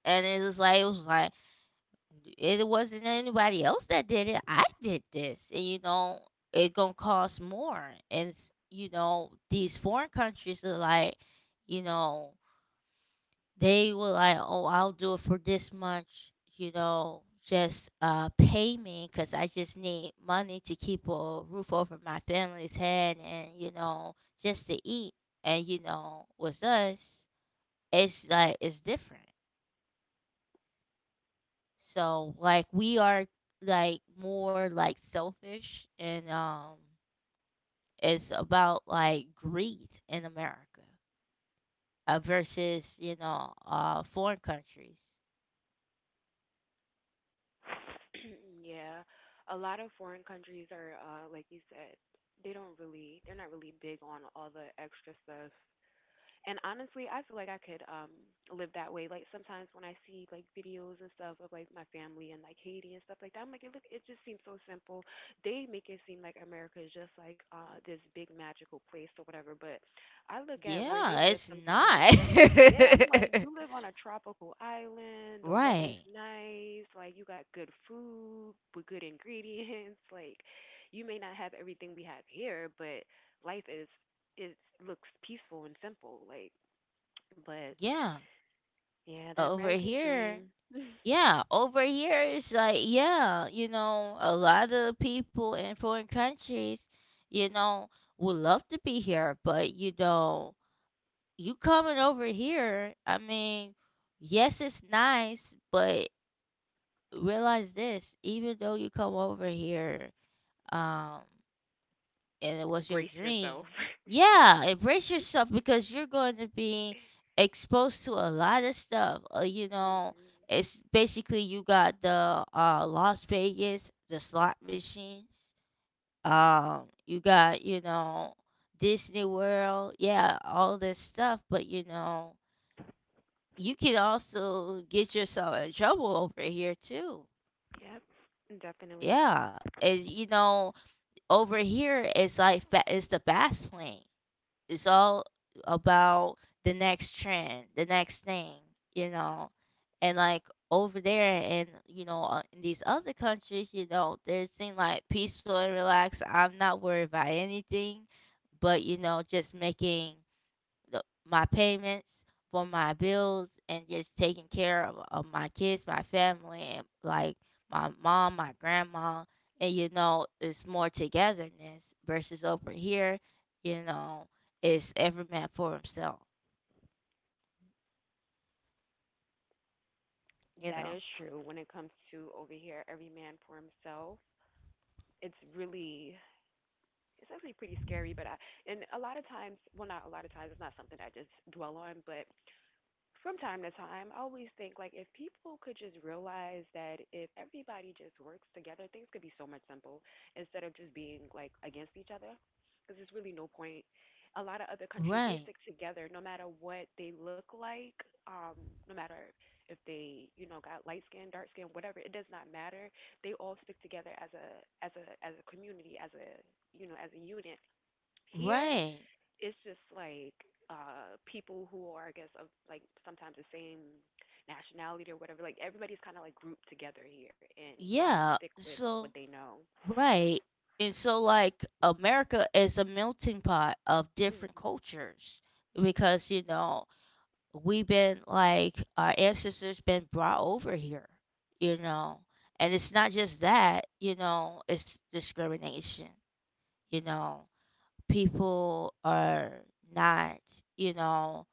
S1: And it was like it wasn't anybody else that did it. I did this. And you know, it gonna cost more. And it's, you know, these foreign countries are like, you know, they were like, "Oh, I'll do it for this much," you know, just pay me because I just need money to keep a roof over my family's head and you know just to eat. And you know, with us, it's like it's different. So like we are like more like selfish and it's about like greed in America versus you know foreign countries.
S2: Yeah. A lot of foreign countries are like you said, they're not really big on all the extra stuff and honestly, I feel like I could live that way. Like sometimes when I see like videos and stuff of like my family and like Haiti and stuff like that, I'm like, it look, it just seems so simple. They make it seem like America is just like this big magical place or whatever. But I look at where they
S1: Yeah,
S2: live
S1: it's
S2: sometimes,
S1: not.
S2: and I'm yeah, I'm like, you live on a tropical island. The weather's
S1: Right.
S2: nice. Like you got good food with good ingredients. Like you may not have everything we have here, but life is it looks peaceful and simple, like but
S1: Yeah.
S2: yeah, the
S1: Over
S2: American
S1: here.
S2: dream.
S1: Yeah, over here it's like yeah, you know, a lot of people in foreign countries, you know, would love to be here, but you know, you coming over here, I mean, yes, it's nice, but realize this, even though you come over here, um and it was your
S2: Brace
S1: dream,
S2: yourself.
S1: yeah, embrace yourself because you're going to be exposed to a lot of stuff. You know,
S2: Mhm.
S1: it's basically you got the Las Vegas, the slot machines. You got you know Disney World, yeah, all this stuff. But you know, you can also get yourself in trouble over here too.
S2: Yep, definitely.
S1: Yeah, and you know, over here it's like it's the fast lane. It's all about the next trend, the next thing, you know. And like over there and you know in these other countries, you know, they seem like peaceful and relaxed. I'm not worried about anything, but you know, just making my payments for my bills and just taking care of my kids, my family, and like my mom, my grandma. And you know, it's more togetherness versus over here, you know, it's every man for himself, you
S2: That
S1: know?
S2: is true, when it comes to over here, every man for himself. it's really it's actually pretty scary, but I and a lot of times, well, not a lot of times, it's not something I just dwell on, but from time to time, I always think like if people could just realize that if everybody just works together, things could be so much simple instead of just being like against each other. Because there's really no point. A lot of other countries, they
S1: Right.
S2: stick together no matter what they look like, um, no matter if they, you know, got light skin, dark skin, whatever. It does not matter. They all stick together as a as a community, as a, you know, as a unit. Here,
S1: Right.
S2: it's just like people who are, I guess, of like sometimes the same nationality or whatever. Like everybody's kind of like grouped together here and kind of
S1: Yeah.
S2: stick with what
S1: So
S2: they know.
S1: right. And so, like, America is a melting pot of different
S2: Mhm.
S1: cultures because, you know, we've been like our ancestors been brought over here, you know. And it's not just that, you know, it's discrimination, you know, people are not, you know,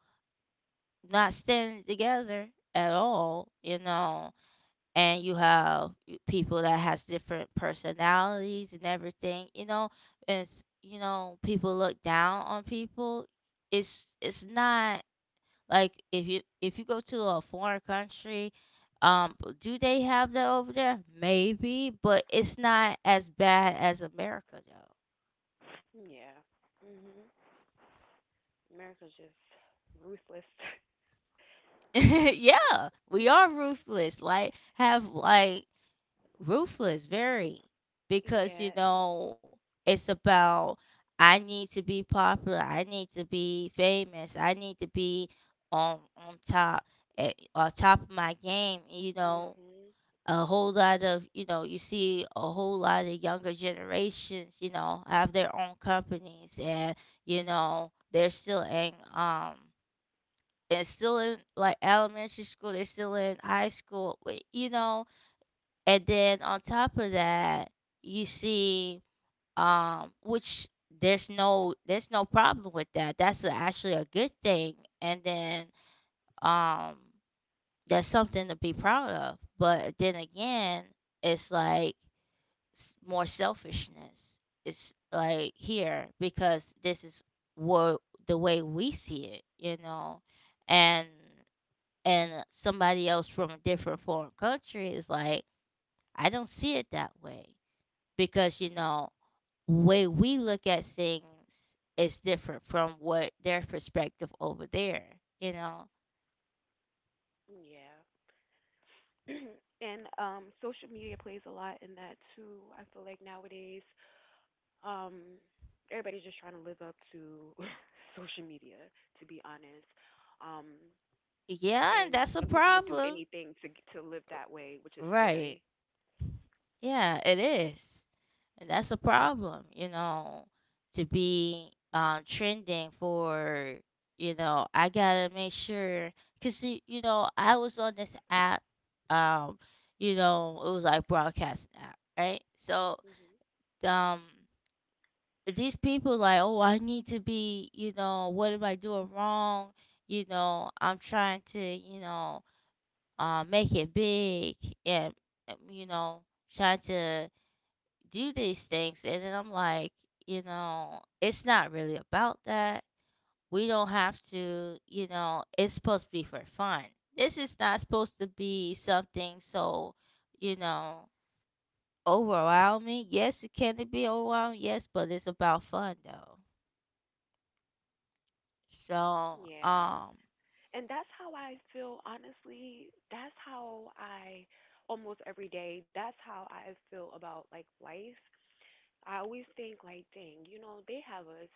S1: not standing together at all, you know. And you have people that has different personalities and everything, you know. And it's, you know, people look down on people. It's not like if you go to a foreign country, um, do they have that over there? Maybe, but it's not as bad as America though.
S2: Yeah. Mhm. America's just ruthless. Ruthless.
S1: Yeah, we are ruthless. Like have like ruthless, very because you
S2: Yeah.
S1: know it's about I need to be popular. I need to be famous. I need to be on top on top of my game. You know,
S2: Mhm.
S1: a whole lot of you know you see a whole lot of younger generations, you know, have their own companies and you know they're still in and still in like elementary school, they're still in high school, wait, you know. And then on top of that, you see, which there's no problem with that, actually a good thing. And then, um, that's something to be proud of. But then again, it's like more selfishness. It's like here because this is what the way we see it, you know. And somebody else from a different foreign country is like I don't see it that way because you know way we look at things is different from what their perspective over there, you know.
S2: Yeah. And social media plays a lot in that too. I feel like nowadays um everybody's just trying to live up to social media, to be honest. um
S1: Yeah, and
S2: and
S1: that's a
S2: some people would do
S1: problem.
S2: anything to live that way, which is
S1: Right.
S2: scary.
S1: Yeah, it is. And that's a problem, you know, to be trending for, you know, I gotta make sure, cause you know, I was on this app, um, you know, it was like broadcasting app, right? So,
S2: Hmm.
S1: um, these people like, oh, I need to be, you know, what am I doing wrong? You know, I'm trying to, you know, make it big and, you know, trying to do these things. And then I'm like, you know, it's not really about that. We don't have to, you know, it's supposed to be for fun. This is not supposed to be something so, you know, overwhelming. Yes, it can be overwhelming, yes, but it's about fun though. So,
S2: Yeah,
S1: um,
S2: and that's how I feel, honestly. That's how I, almost every day, that's how I feel about like life. I always think like, dang, you know, they have us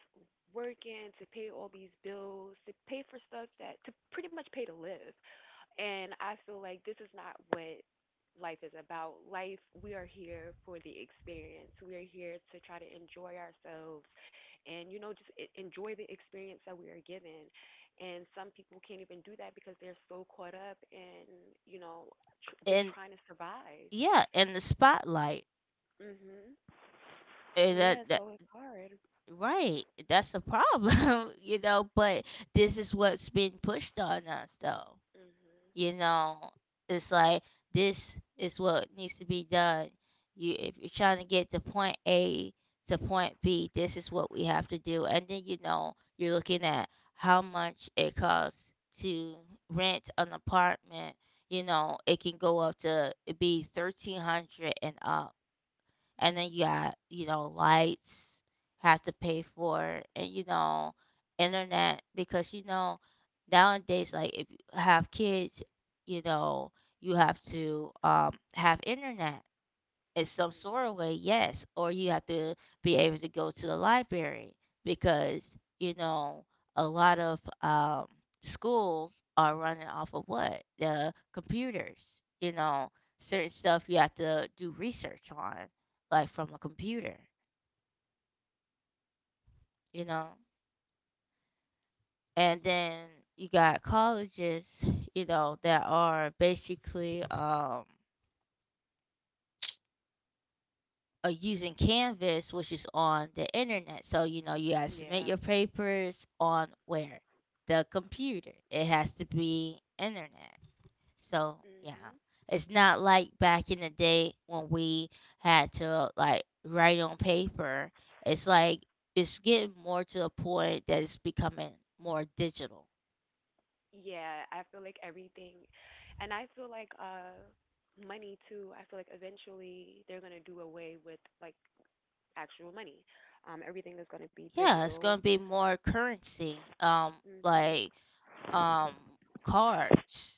S2: working to pay all these bills, to pay for stuff that to pretty much pay to live. And I feel like this is not what life is about. Life, we are here for the experience. We are here to try to enjoy ourselves and, you know, just enjoy the experience that we are given. And some people can't even do that because they're so caught up in, you know, just
S1: and
S2: trying to survive.
S1: yeah, in the spotlight.
S2: Mhm.
S1: And that,
S2: Yeah,
S1: that
S2: so it's hard.
S1: right that's a problem. You know, but this is what's being pushed on us though,
S2: Mhm.
S1: you know. It's like this is what needs to be done. You if you're trying to get to point A to point B, this is what we have to do. And then you know you're looking at how much it costs to rent an apartment. You know it can go up to it be 1,300 and up. And then you got you know lights have to pay for and you know internet because you know nowadays like if you have kids, you know, you have to have internet in some sort of way, yes. Or you have to be able to go to the library because, you know, a lot of schools are running off of what? The computers, you know. Certain stuff you have to do research on, like from a computer, you know. And then you got colleges, you know, that are basically, using Canvas, which is on the internet. So, you know, you guys submit
S2: Yeah.
S1: your papers on where? The computer. It has to be internet. So, yeah.
S2: Mhm.
S1: It's not like back in the day when we had to like write on paper. It's like it's getting more to the point that it's becoming more digital.
S2: Yeah, I feel like everything, and I feel like money too. I feel like eventually they're going to do away with like actual money. Everything is going to be
S1: Yeah, it's
S2: digital.
S1: gonna be more currency, like
S2: Mhm.
S1: um cards.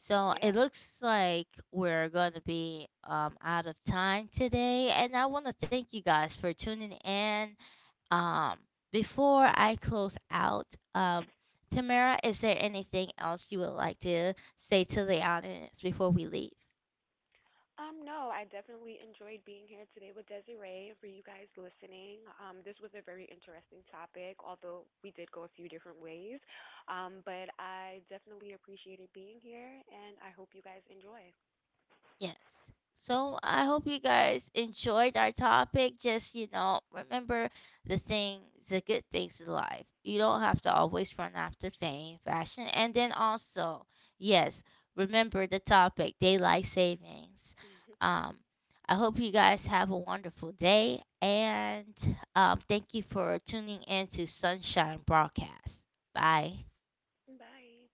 S1: So
S2: Yeah.
S1: it looks like we're going to be out of time today. And I want to thank you guys for tuning in. Um, before I close out, um, Tamara, is there anything else you would like to say to the audience before we leave?
S2: No, I definitely enjoyed being here today with Desiree, and for you guys listening. This was a very interesting topic, although we did go a few different ways. But I definitely appreciated being here and I hope you guys enjoy.
S1: Yes. So I hope you guys enjoyed our topic. Just, you know, remember the things, the good things in life. You don't have to always run after fame, fashion. And then also, yes, remember the topic, daylight savings. Um, I hope you guys have a wonderful day. And thank you for tuning in to Sunshine Broadcast. Bye.
S2: Bye.